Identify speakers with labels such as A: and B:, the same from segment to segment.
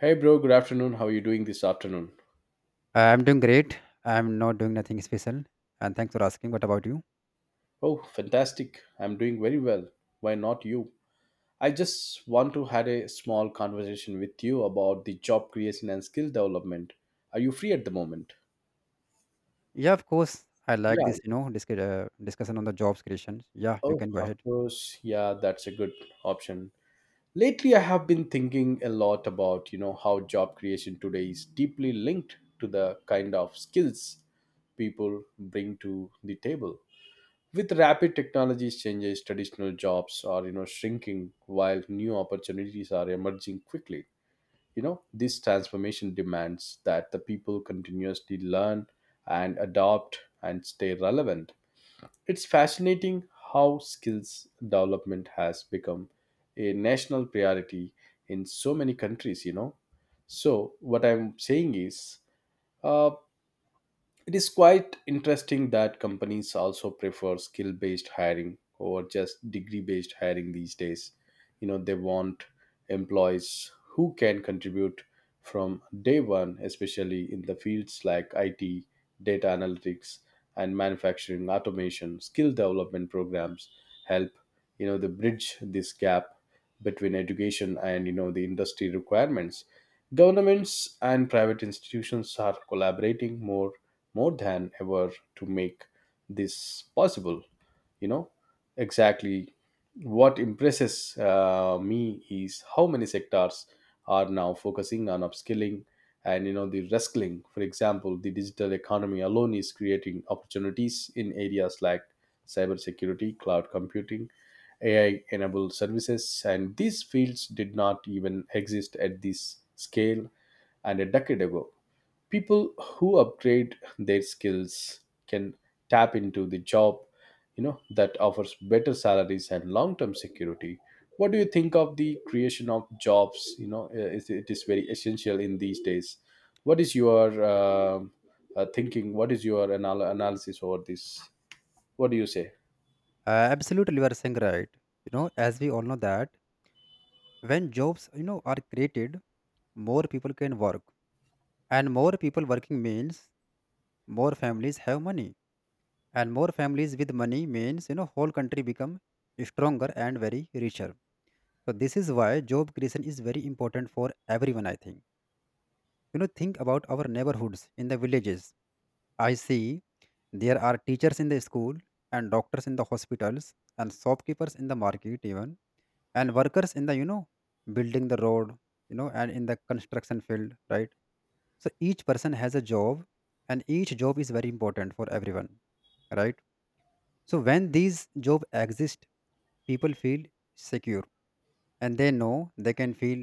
A: Hey bro, good afternoon. How are you doing this afternoon?
B: I'm doing great. I'm not doing nothing special. And thanks for asking. What about you?
A: Oh, fantastic. I'm doing very well. Why not you? I just want to have a small conversation with you about the job creation and skill development. Are you free at the moment?
B: Yeah, of course. I like
A: Yeah.
B: this discussion on the jobs creation. Yeah, you
A: Oh,
B: can go
A: of
B: ahead.
A: course. Yeah, that's a good option. Lately I have been thinking a lot about, how job creation today is deeply linked to the kind of skills people bring to the table. With rapid technologies changes, traditional jobs are, shrinking, while new opportunities are emerging quickly. You know, this transformation demands that the people continuously learn and adopt and stay relevant. It's fascinating how skills development has become a national priority in so many countries. So what I'm saying is, uh, it is quite interesting that companies also prefer skill based hiring over just degree based hiring these days. You know, they want employees who can contribute from day one, especially in the fields like IT, data analytics, and manufacturing automation. Skill development programs help, the bridge this gap between education and the industry requirements. Governments and private institutions are collaborating more than ever to make this possible, you know. Exactly. What impresses me is how many sectors are now focusing on upskilling and the reskilling. For example, the digital economy alone is creating opportunities in areas like cybersecurity, cloud computing, AI enabled services, and these fields did not even exist at this scale. And a decade ago, people who upgrade their skills can tap into the job, you know, that offers better salaries and long-term security. What do you think of the creation of jobs, you know? It is very essential in these days. What is your thinking? What is your analysis over this? What do you say?
B: Absolutely, you are saying right. As we all know that when jobs, are created, more people can work. And more people working means more families have money. And more families with money means whole country become stronger and very richer. So this is why job creation is very important for everyone, I think. Think about our neighborhoods in the villages. I see there are teachers in the school and doctors in the hospitals and shopkeepers in the market even and workers in the building the road and in the construction field, right. So each person has a job and each job is very important for everyone, right. So when these job exist, people feel secure and they know they can feel,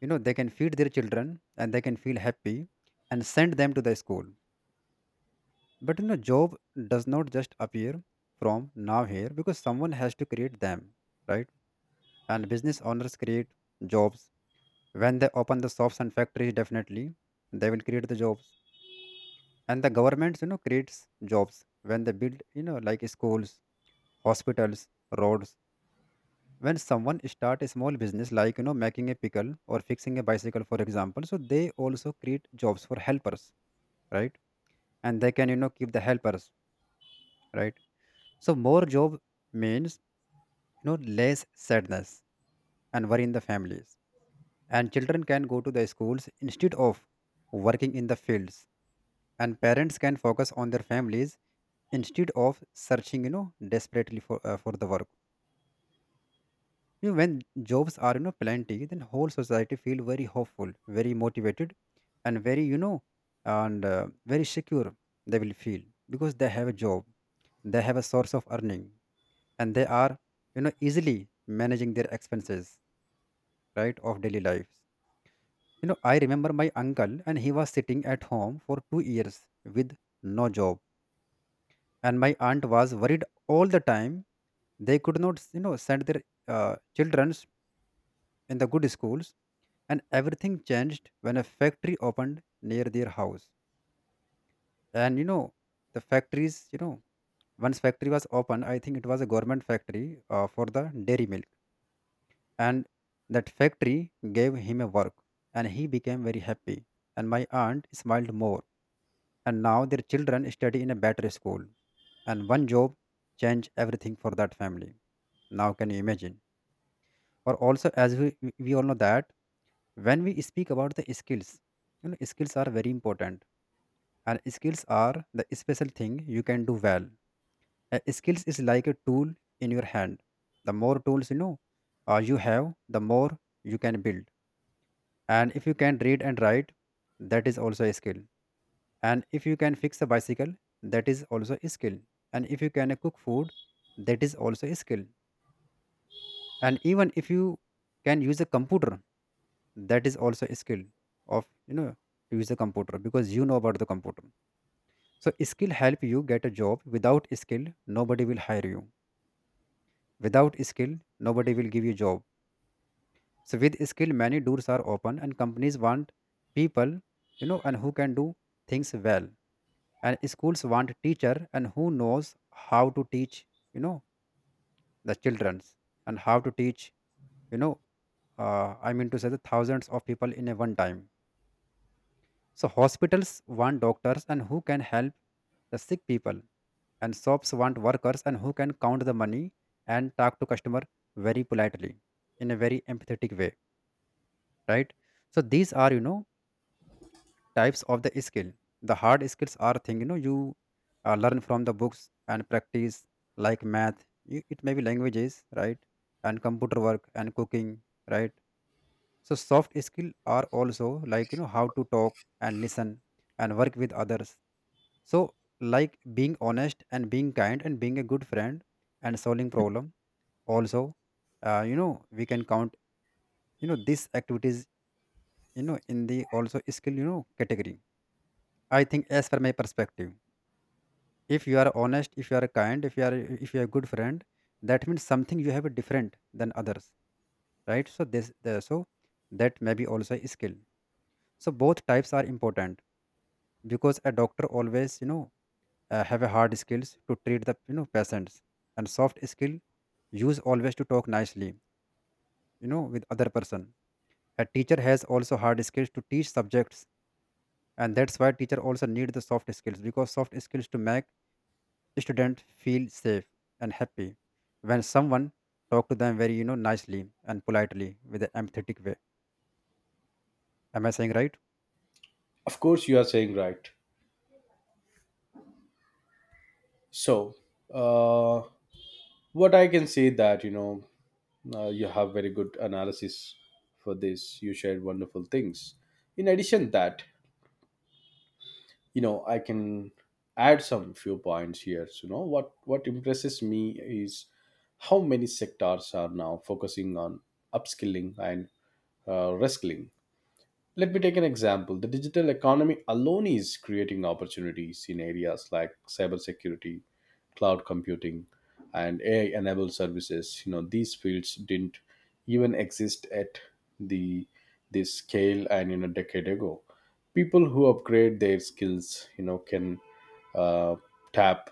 B: they can feed their children and they can feel happy and send them to the school. But job does not just appear from now here because someone has to create them, right? And business owners create jobs. When they open the shops and factories, definitely they will create the jobs. And the governments creates jobs when they build, like schools, hospitals, roads. When someone start a small business, like making a pickle or fixing a bicycle, for example, so they also create jobs for helpers, right? And they can keep the helpers, right? So more job means, less sadness and worry in the families, and children can go to the schools instead of working in the fields, and parents can focus on their families instead of searching desperately for the work. You know, when jobs are, plenty, then whole society feel very hopeful, very motivated, and very you know and very secure they will feel, because they have a job, they have a source of earning, and they are, easily managing their expenses, right, of daily life. You know, I remember my uncle, and he was sitting at home for 2 years with no job, and my aunt was worried all the time. They could not, send their children in the good schools, and everything changed when a factory opened near their house. And you know, the factories, you know, once factory was opened, I think it was a government factory for the dairy milk, and that factory gave him a work, and he became very happy. And my aunt smiled more, and now their children study in a better school, and one job changed everything for that family. Now can you imagine? Or also, as we all know that when we speak about the skills, skills are very important, and skills are the special thing you can do well. Skills is like a tool in your hand. The more tools, you have, the more you can build. And if you can read and write, that is also a skill. And if you can fix a bicycle, that is also a skill. And if you can cook food, that is also a skill. And even if you can use a computer, that is also a skill, of, to use a computer, because you know about the computer. So skill help you get a job. Without skill, nobody will hire you. Without skill, nobody will give you job. So with skill, many doors are open, and companies want people, and who can do things well. And schools want teacher and who knows how to teach, you know the childrens, and how to teach, you know I mean to say the thousands of people in a one time. So hospitals want doctors and who can help the sick people, and shops want workers and who can count the money and talk to customer very politely, in a very empathetic way, right. So these are, types of the skill. The hard skills are thing, you learn from the books and practice, like math. You, it may be languages, right, and computer work and cooking, right. So soft skill are also like, how to talk and listen and work with others. So like being honest and being kind and being a good friend and solving problem. Also, we can count, these activities, in the also skill, category, I think, as per my perspective. If you are honest, if you are kind, if you are, if you are a good friend, that means something you have different than others, right? So that may be also a skill. So both types are important, because a doctor always, have a hard skills to treat the, patients, and soft skill use always to talk nicely, with other person. A teacher has also hard skills to teach subjects, and that's why teacher also need the soft skills, because soft skills to make students feel safe and happy when someone talk to them very, nicely and politely with an empathetic way. Am I saying right?
A: Of course you are saying right. So, uh, what I can say that, you know, you have very good analysis for this. You shared wonderful things. In addition, that, you know, I can add some few points here. So, you know, what impresses me is how many sectors are now focusing on upskilling and reskilling. Let me take an example. The digital economy alone is creating opportunities in areas like cybersecurity, cloud computing, and AI enabled services. You know, these fields didn't even exist at the this scale, and, you know, decade ago. People who upgrade their skills, you know, can uh, tap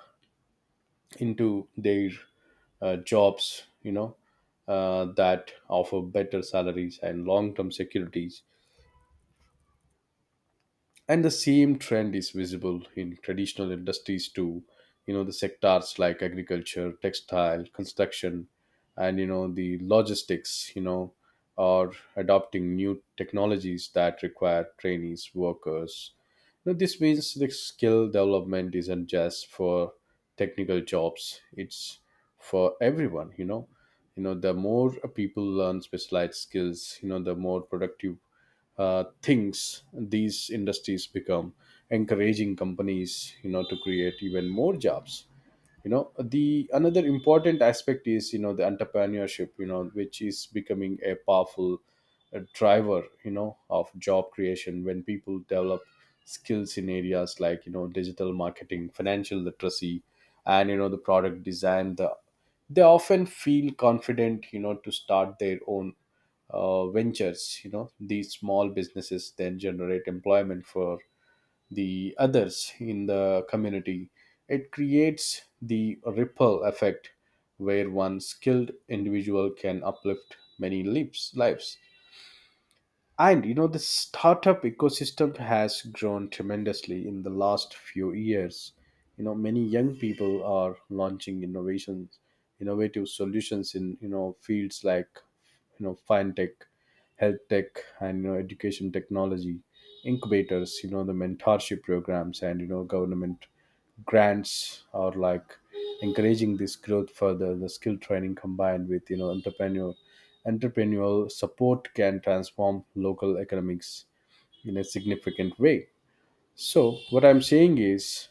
A: into their jobs, you know, that offer better salaries and long term securities. And the same trend is visible in traditional industries too. You know, the sectors like agriculture, textile, construction, and, you know, the logistics, you know, are adopting new technologies that require trainees workers. You know, this means the skill development isn't just for technical jobs, it's for everyone, you know. You know, the more people learn specialized skills, you know, the more productive things these industries become, encouraging companies, you know, to create even more jobs. You know, the another important aspect is, you know, the entrepreneurship, you know, which is becoming a powerful driver, you know, of job creation. When people develop skills in areas like, you know, digital marketing, financial literacy, and, you know, the product design, they often feel confident, you know, to start their own ventures. You know, these small businesses then generate employment for the others in the community. It creates the ripple effect where one skilled individual can uplift many lives. And, you know, the startup ecosystem has grown tremendously in the last few years. You know, many young people are launching innovative solutions in, you know, fields like, you know, fintech, health tech, and, you know, education technology. Incubators, you know, the mentorship programs, and, you know, government grants are like encouraging this growth further. The skill training combined with, you know, entrepreneurial support can transform local economics in a significant way. So what I'm saying is,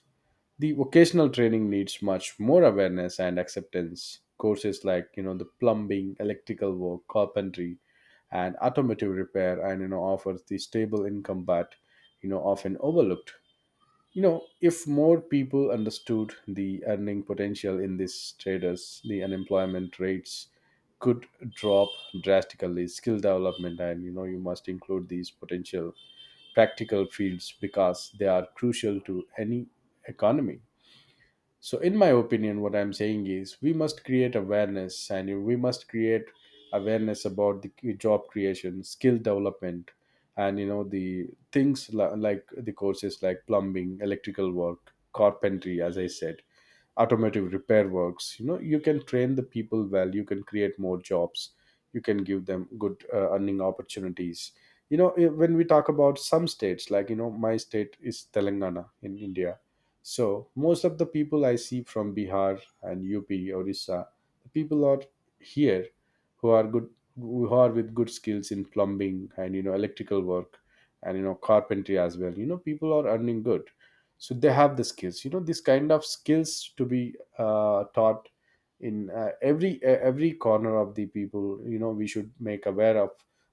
A: the vocational training needs much more awareness and acceptance. Courses like, you know, the plumbing, electrical work, carpentry, and automotive repair, and, you know, offers the stable income, but, you know, often overlooked. You know, if more people understood the earning potential in these traders, the unemployment rates could drop drastically. Skill development, and, you know, you must include these potential practical fields because they are crucial to any economy. So in my opinion, what I'm saying is, we must create awareness, and we must create awareness about the job creation, skill development, and, you know, the things like the courses like plumbing, electrical work, carpentry, as I said, automotive repair works. You know, you can train the people well, you can create more jobs, you can give them good earning opportunities. You know, when we talk about some states like, you know, my state is Telangana in India. So most of the people I see from Bihar and UP, Orissa, the people are here, who are good, who are with good skills in plumbing and, you know, electrical work, and, you know, carpentry as well. You know, people are earning good, so they have the skills. You know, this kind of skills to be taught in every corner of the people. You know, we should make aware of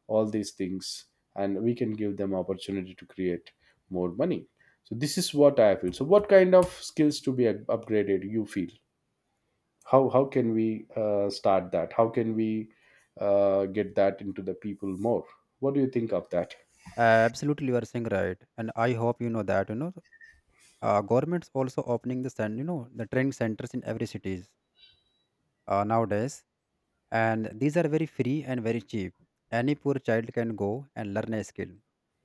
A: all these things, and we can give them opportunity to create more money. So this is what I feel. So what kind of skills to be upgraded you feel? How can we start that? How can we get that into the people more? What do you think of that?
B: Absolutely, you are saying right, and I hope you know that, governments also opening the the training centers in every cities nowadays, and these are very free and very cheap. Any poor child can go and learn a skill,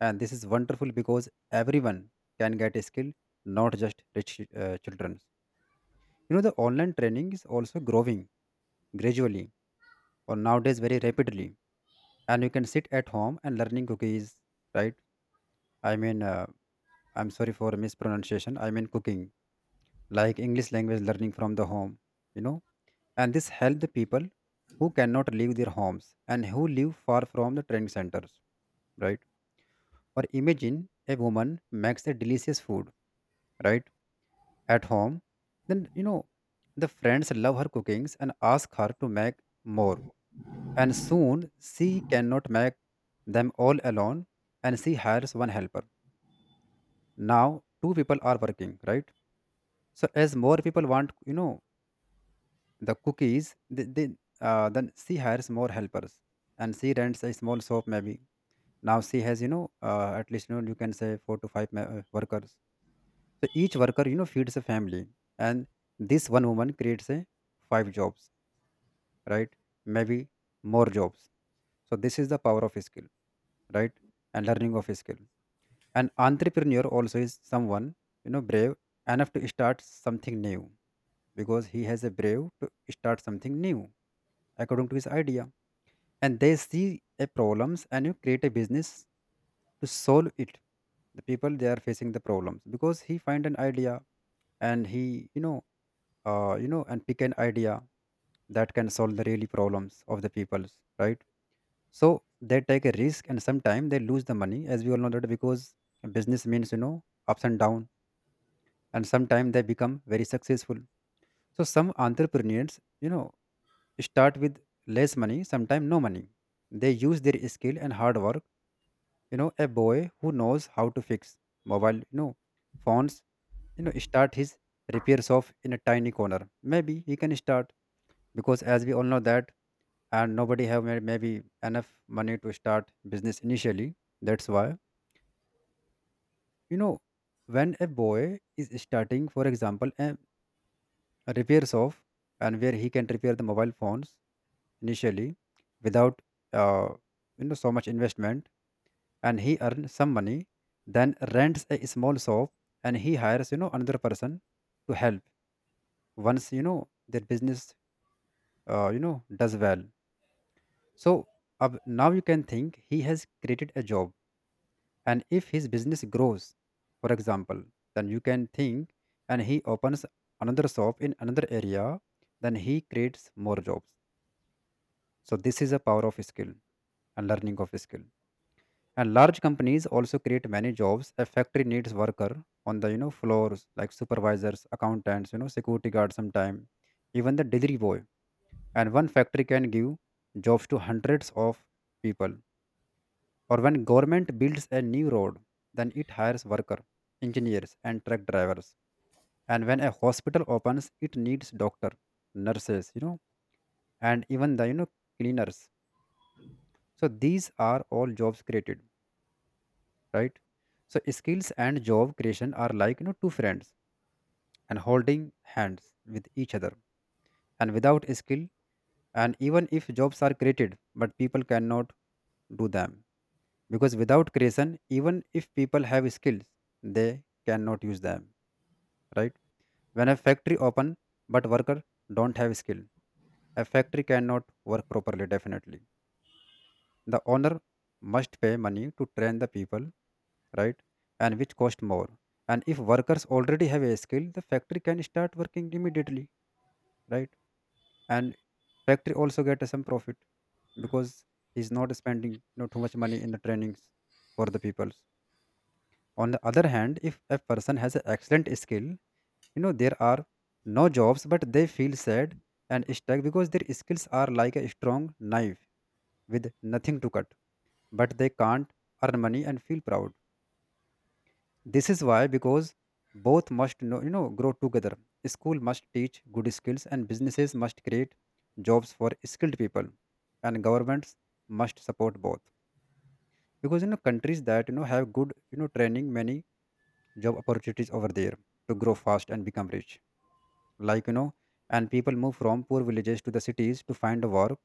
B: and this is wonderful because everyone can get a skill, not just rich children. You know the online training is also growing gradually, or nowadays very rapidly, and you can sit at home and learning cookies, right. I mean I'm sorry for mispronunciation, I mean cooking, like english language learning from the home, you know. And this help the people who cannot leave their homes and who live far from the training centers, right. Or imagine a woman makes a delicious food, right, at home. Then, the friends love her cookings and ask her to make more, and soon she cannot make them all alone, and she hires one helper. Now two people are working, right. So as more people want, the cookies, then she hires more helpers, and she rents a small shop maybe. Now she has, at least, you can say four to five workers. So each worker, feeds a family, and this one woman creates a five jobs, right, maybe more jobs. So this is the power of skill, right, and learning of skill. An entrepreneur also is someone, brave enough to start something new, because he has a brave to start something new according to his idea. And they see a problems and you create a business to solve it. The people they are facing the problems because he find an idea, and he, and pick an idea that can solve the really problems of the peoples, right. So they take a risk and sometimes they lose the money, as we all know that, because business means, ups and downs, and sometimes they become very successful. So some entrepreneurs, start with less money, sometimes no money. They use their skill and hard work. You know, a boy who knows how to fix mobile, phones, start his repairs off in a tiny corner, maybe he can start, because as we all know that, and nobody have maybe enough money to start business initially. That's why, you know when a boy is starting, for example, a repair shop, and where he can repair the mobile phones initially without uh, so much investment, and he earns some money, then rents a small shop, and he hires, another person to help. Once, their business, does well, so now you can think he has created a job. And if his business grows, for example, then you can think, and he opens another shop in another area, then he creates more jobs. So this is a power of skill and learning of skill. And large companies also create many jobs. A factory needs worker on the, floors, like supervisors, accountants, security guards, sometime even the delivery boy. And one factory can give jobs to hundreds of people. Or when government builds a new road, then it hires worker, engineers, and truck drivers. And when a hospital opens, it needs doctor, nurses, and even the, cleaners. So these are all jobs created, right? So skills and job creation are like two friends and holding hands with each other, and without skill, and even if jobs are created, but people cannot do them, because without creation, even if people have skills, they cannot use them, right? When a factory open but worker don't have skill, a factory cannot work properly. Definitely the owner must pay money to train the people, right? And which cost more. And if workers already have a skill, the factory can start working immediately, right? And factory also get some profit because he's not spending too much money in the trainings for the peoples. On the other hand, if a person has an excellent skill, there are no jobs, but they feel sad and stuck because their skills are like a strong knife with nothing to cut, but they can't earn money and feel proud. This is why, because both must know, grow together. School must teach good skills, and businesses must create jobs for skilled people, and governments must support both. Because countries that have good training, many job opportunities over there, to grow fast and become rich. Like, and people move from poor villages to the cities to find work,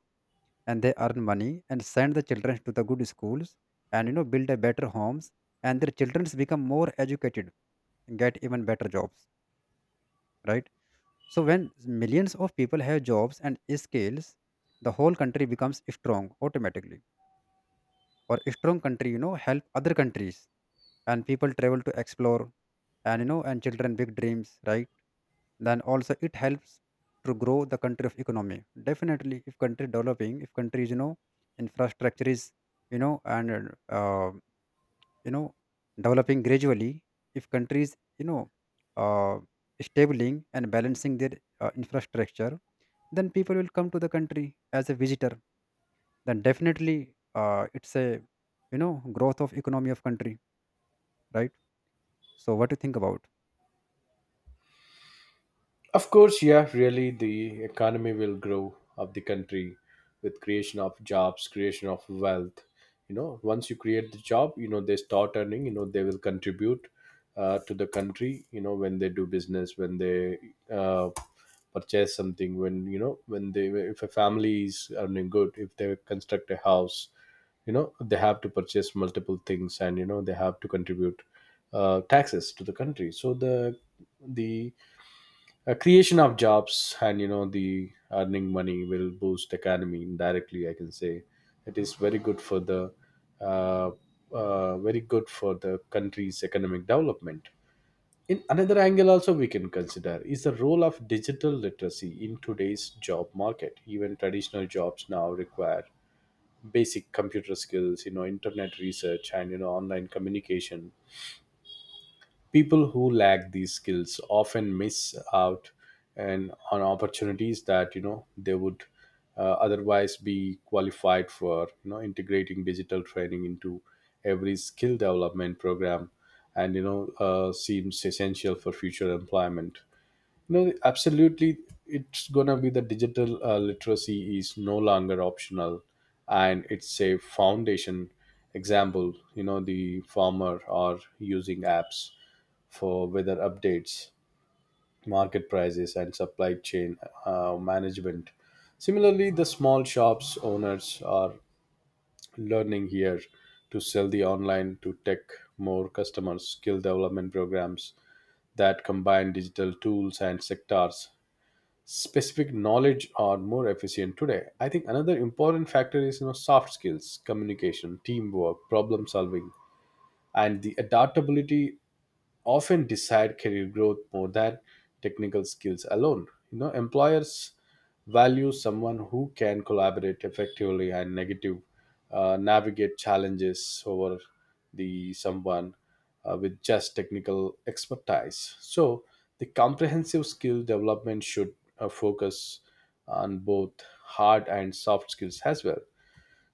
B: and they earn money and send the children to the good schools, and build a better homes, and their children become more educated and get even better jobs, right? So when millions of people have jobs and skills, the whole country becomes strong automatically. Or strong country, help other countries, and people travel to explore, and you know and children big dreams, right? Then also it helps to grow the country of economy. Definitely, if country developing, if countries infrastructure is, and you know developing gradually, if countries uh, stabling and balancing their infrastructure, then people will come to the country as a visitor. Then definitely it's a growth of economy of country, right? So what do you think about?
A: Of course, yeah, really, the economy will grow of the country with creation of jobs, creation of wealth. You know, once you create the job, you know, they start earning, you know, they will contribute to the country, you know, when they do business, when they uh, purchase something, when, you know, when they, if a family is earning good, if they construct a house, you know, they have to purchase multiple things, and, you know, they have to contribute taxes to the country. So the creation of jobs and, you know, the earning money will boost economy indirectly, I can say. It is very good for the uh, very good for the country's economic development. In another angle also, we can consider is the role of digital literacy in today's job market. Even traditional jobs now require basic computer skills, you know, internet research, and, you know, online communication. People who lack these skills often miss out and on opportunities that, you know, they would otherwise be qualified for. You know, integrating digital training into every skill development program and, you know, seems essential for future employment. No, absolutely. It's gonna be the digital literacy is no longer optional, and it's a foundation. Example, you know, the farmer are using apps for weather updates, market prices, and supply chain management. Similarly, the small shops owners are learning here to sell the online to tech more customers. Skill development programs that combine digital tools and sectors specific knowledge are more efficient today. I think another important factor is, you know, soft skills, communication, teamwork, problem solving, and the adaptability often decide career growth more than technical skills alone. You know, employers value someone who can collaborate effectively and negative navigate challenges over the someone with just technical expertise. So the comprehensive skill development should focus on both hard and soft skills as well.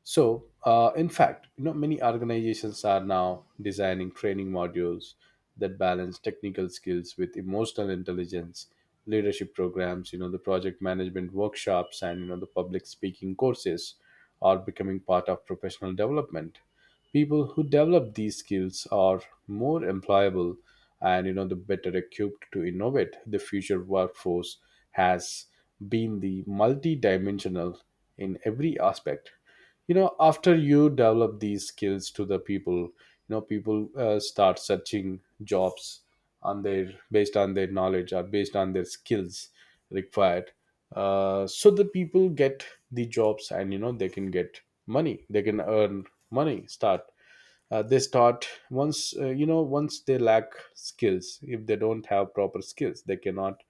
A: So, in fact, you know, many organizations are now designing training modules that balance technical skills with emotional intelligence. Leadership programs, you know, the project management workshops, and, you know, the public speaking courses are becoming part of professional development. People who develop these skills are more employable, and, you know, the better equipped to innovate. The future workforce has been the multi-dimensional in every aspect. You know, after you develop these skills to the people, you know, people start searching jobs on their based on their knowledge or based on their skills required. So the people get the jobs, and, you know, they can get money, they can earn money, start they start. Once you know, once they lack skills, if they don't have proper skills, they cannot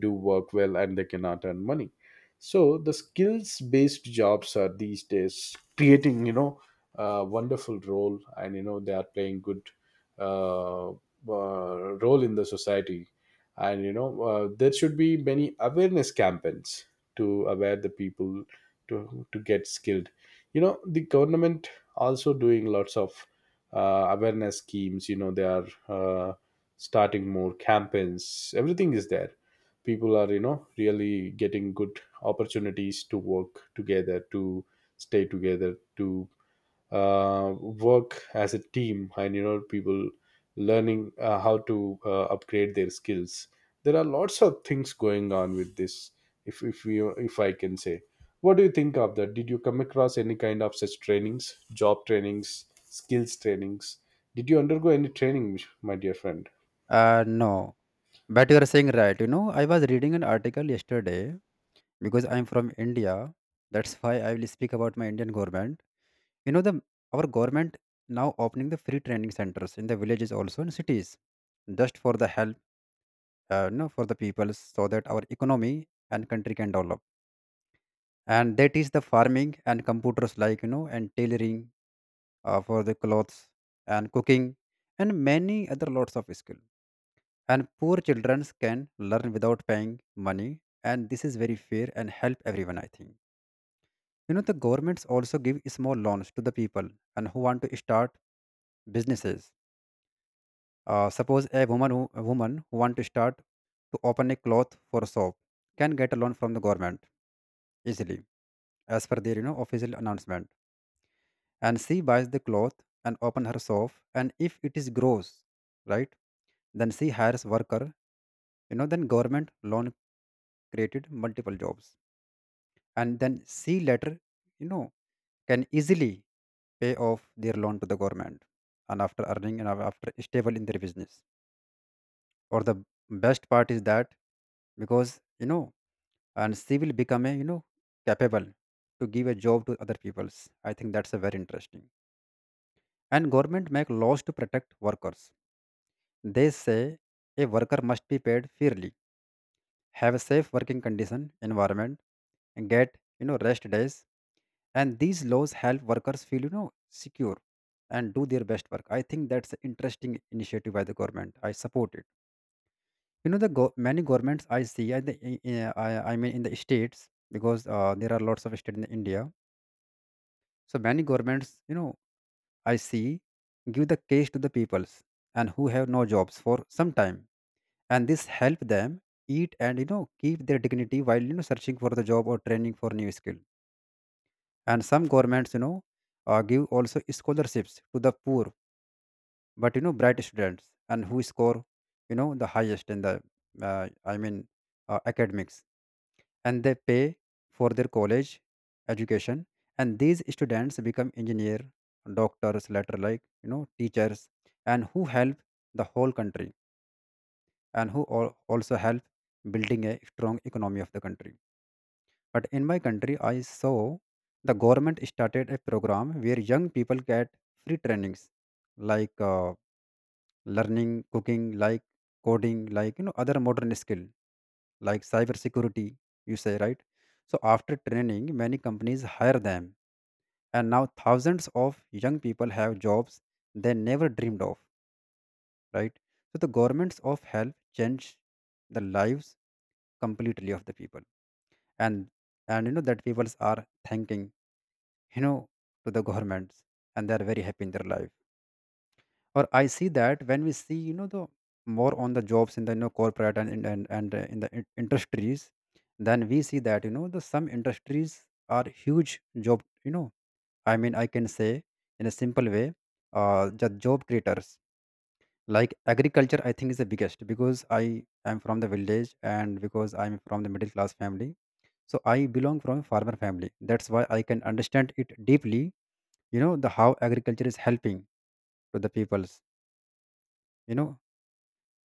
A: do work well, and they cannot earn money. So the skills based jobs are these days creating, you know, a wonderful role, and, you know, they are playing good uh, uh, role in the society. And, you know, there should be many awareness campaigns to aware the people to get skilled. You know, the government also doing lots of awareness schemes. You know, they are starting more campaigns, everything is there. People are, you know, really getting good opportunities to work together, to stay together, to work as a team, and, you know, people learning how to upgrade their skills. There are lots of things going on with this. If we if I can say, what do you think of that? Did you come across any kind of such trainings, job trainings, skills trainings? Did you undergo any training, my dear friend?
B: No, but you are saying right, I was reading an article yesterday, because I'm from India. That's why I will speak about my Indian government. The our government now opening the free training centers in the villages also in cities, just for the help, for the people, so that our economy and country can develop. And that is the farming and computers like and tailoring for the clothes, and cooking, and many other lots of skill. And poor children can learn without paying money, and this is very fair and help everyone. I think the governments also give small loans to the people and who want to start businesses. Suppose a woman who want to start to open a cloth for soap can get a loan from the government easily, as per their official announcement. And she buys the cloth and open her shop. And if it is gross, right, then she hires worker. Then government loan created multiple jobs, and then she later, you know, can easily pay off their loan to the government, and after earning and after stable in their business. Or the best part is that, because and she will become a capable to give a job to other peoples. I think that's a very interesting. And government make laws to protect workers. They say a worker must be paid fairly, have a safe working condition environment, and get rest days, and these laws help workers feel secure and do their best work. I think that's an interesting initiative by the government, I support it. You know, many governments I see. I I mean in the states, because there are lots of states in India. So many governments, I see, give the cash to the peoples and who have no jobs for some time, and this help them eat and keep their dignity while searching for the job or training for new skill. And some governments, give also scholarships to the poor but bright students, and who score the highest in the uh, I mean academics, and they pay for their college education, and these students become engineer, doctors later, like teachers, and who help the whole country, and who also help building a strong economy of the country. But in my country, I saw the government started a program where young people get free trainings, like learning cooking, like coding, like other modern skill like cybersecurity, you say, right? So after training, many companies hire them, and now thousands of young people have jobs they never dreamed of, right? So the governments of help change the lives completely of the people, and and that people are thanking you know to the governments, and they are very happy in their life. Or I see that, when we see the more on the jobs in the corporate in the industries, then we see that the some industries are huge job, I mean I can say in a simple way, the job creators like agriculture, I think is the biggest, because I am from the village, and because I'm from the middle class family, so I belong from a farmer family. That's why I can understand it deeply, the how agriculture is helping to the peoples you know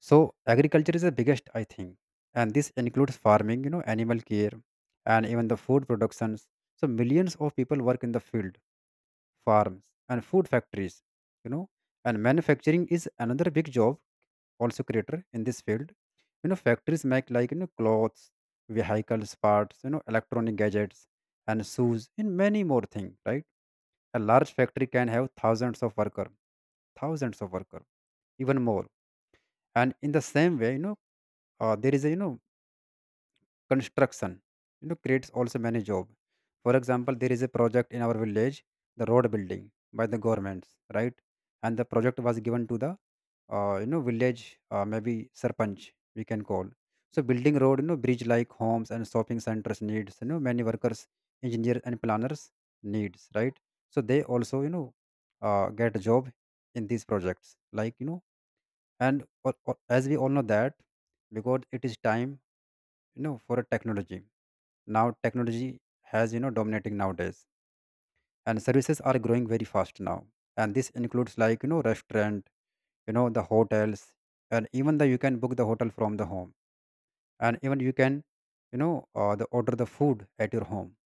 B: So agriculture is the biggest, I think, and this includes farming, animal care, and even the food productions. So millions of people work in the field, farms, and food factories, you know, and manufacturing is another big job, also creator in this field. Factories make like clothes, vehicles, parts, electronic gadgets, and shoes, and many more things. Right? A large factory can have thousands of worker, even more. And in the same way, there is a construction creates also many job. For example, there is a project in our village, the road building by the governments, right? And the project was given to the village, maybe sarpanch, we can call. So building road, bridge like homes and shopping centers needs many workers, engineers and planners needs, right? So they also get a job in these projects, like and or, as we all know that, because it is time for a technology. Now technology has dominating nowadays, and services are growing very fast now, and this includes like restaurant, the hotels, and even the you can book the hotel from the home, and even you can the order the food at your home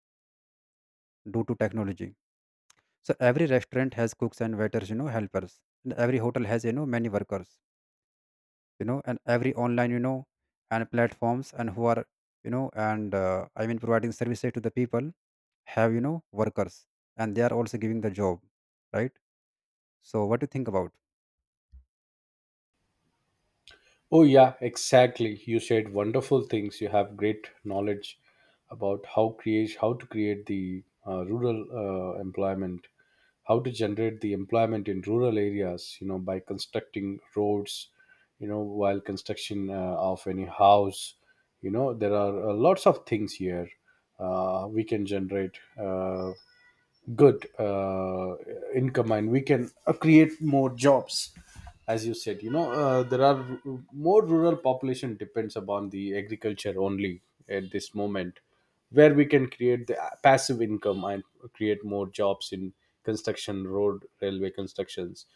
B: due to technology. So every restaurant has cooks and waiters, helpers, and every hotel has many workers, and every online, and platforms and who are you know and I mean providing services to the people, have workers, and they are also giving the job, right? So what do you think about?
A: Oh, yeah, exactly. You said wonderful things. You have great knowledge about how to create the rural employment, how to generate the employment in rural areas. You know, by constructing roads. You know, while construction of any house. You know, there are lots of things here we can generate. Good income, and we can create more jobs. As you said, you know, there are more rural population depends upon the agriculture only at this moment, where we can create the passive income and create more jobs in construction, road, railway constructions,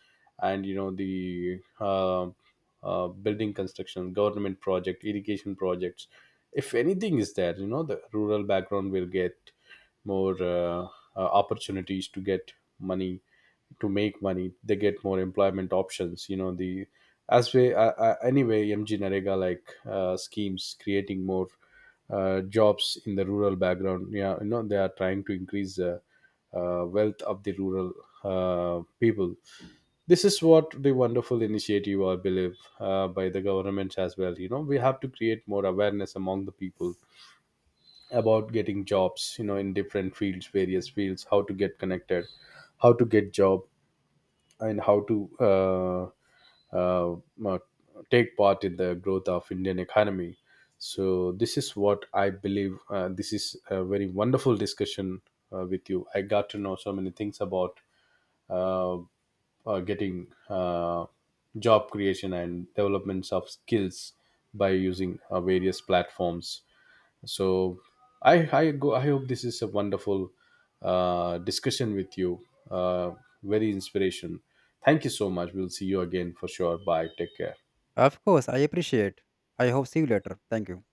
A: and, you know, the building construction, government project, irrigation projects. If anything is there, you know, the rural background will get more opportunities to get money, to make money, they get more employment options. You know, the as we anyway MG NAREGA like schemes creating more jobs in the rural background, yeah. You know, they are trying to increase the wealth of the rural people. This is what the wonderful initiative I believe, by the government as well. You know, we have to create more awareness among the people about getting jobs, you know, in different fields, various fields, how to get connected, how to get job, and how to uh, uh, uh, take part in the growth of Indian economy. So this is what I believe. This is a very wonderful discussion with you. I got to know so many things about uh, getting job creation and developments of skills by using various platforms. So I hope this is a wonderful discussion with you. Uh, Very inspiration. Thank you so much. We'll see you again for sure. Bye. Take care.
B: Of course, I appreciate. I hope see you later. Thank you.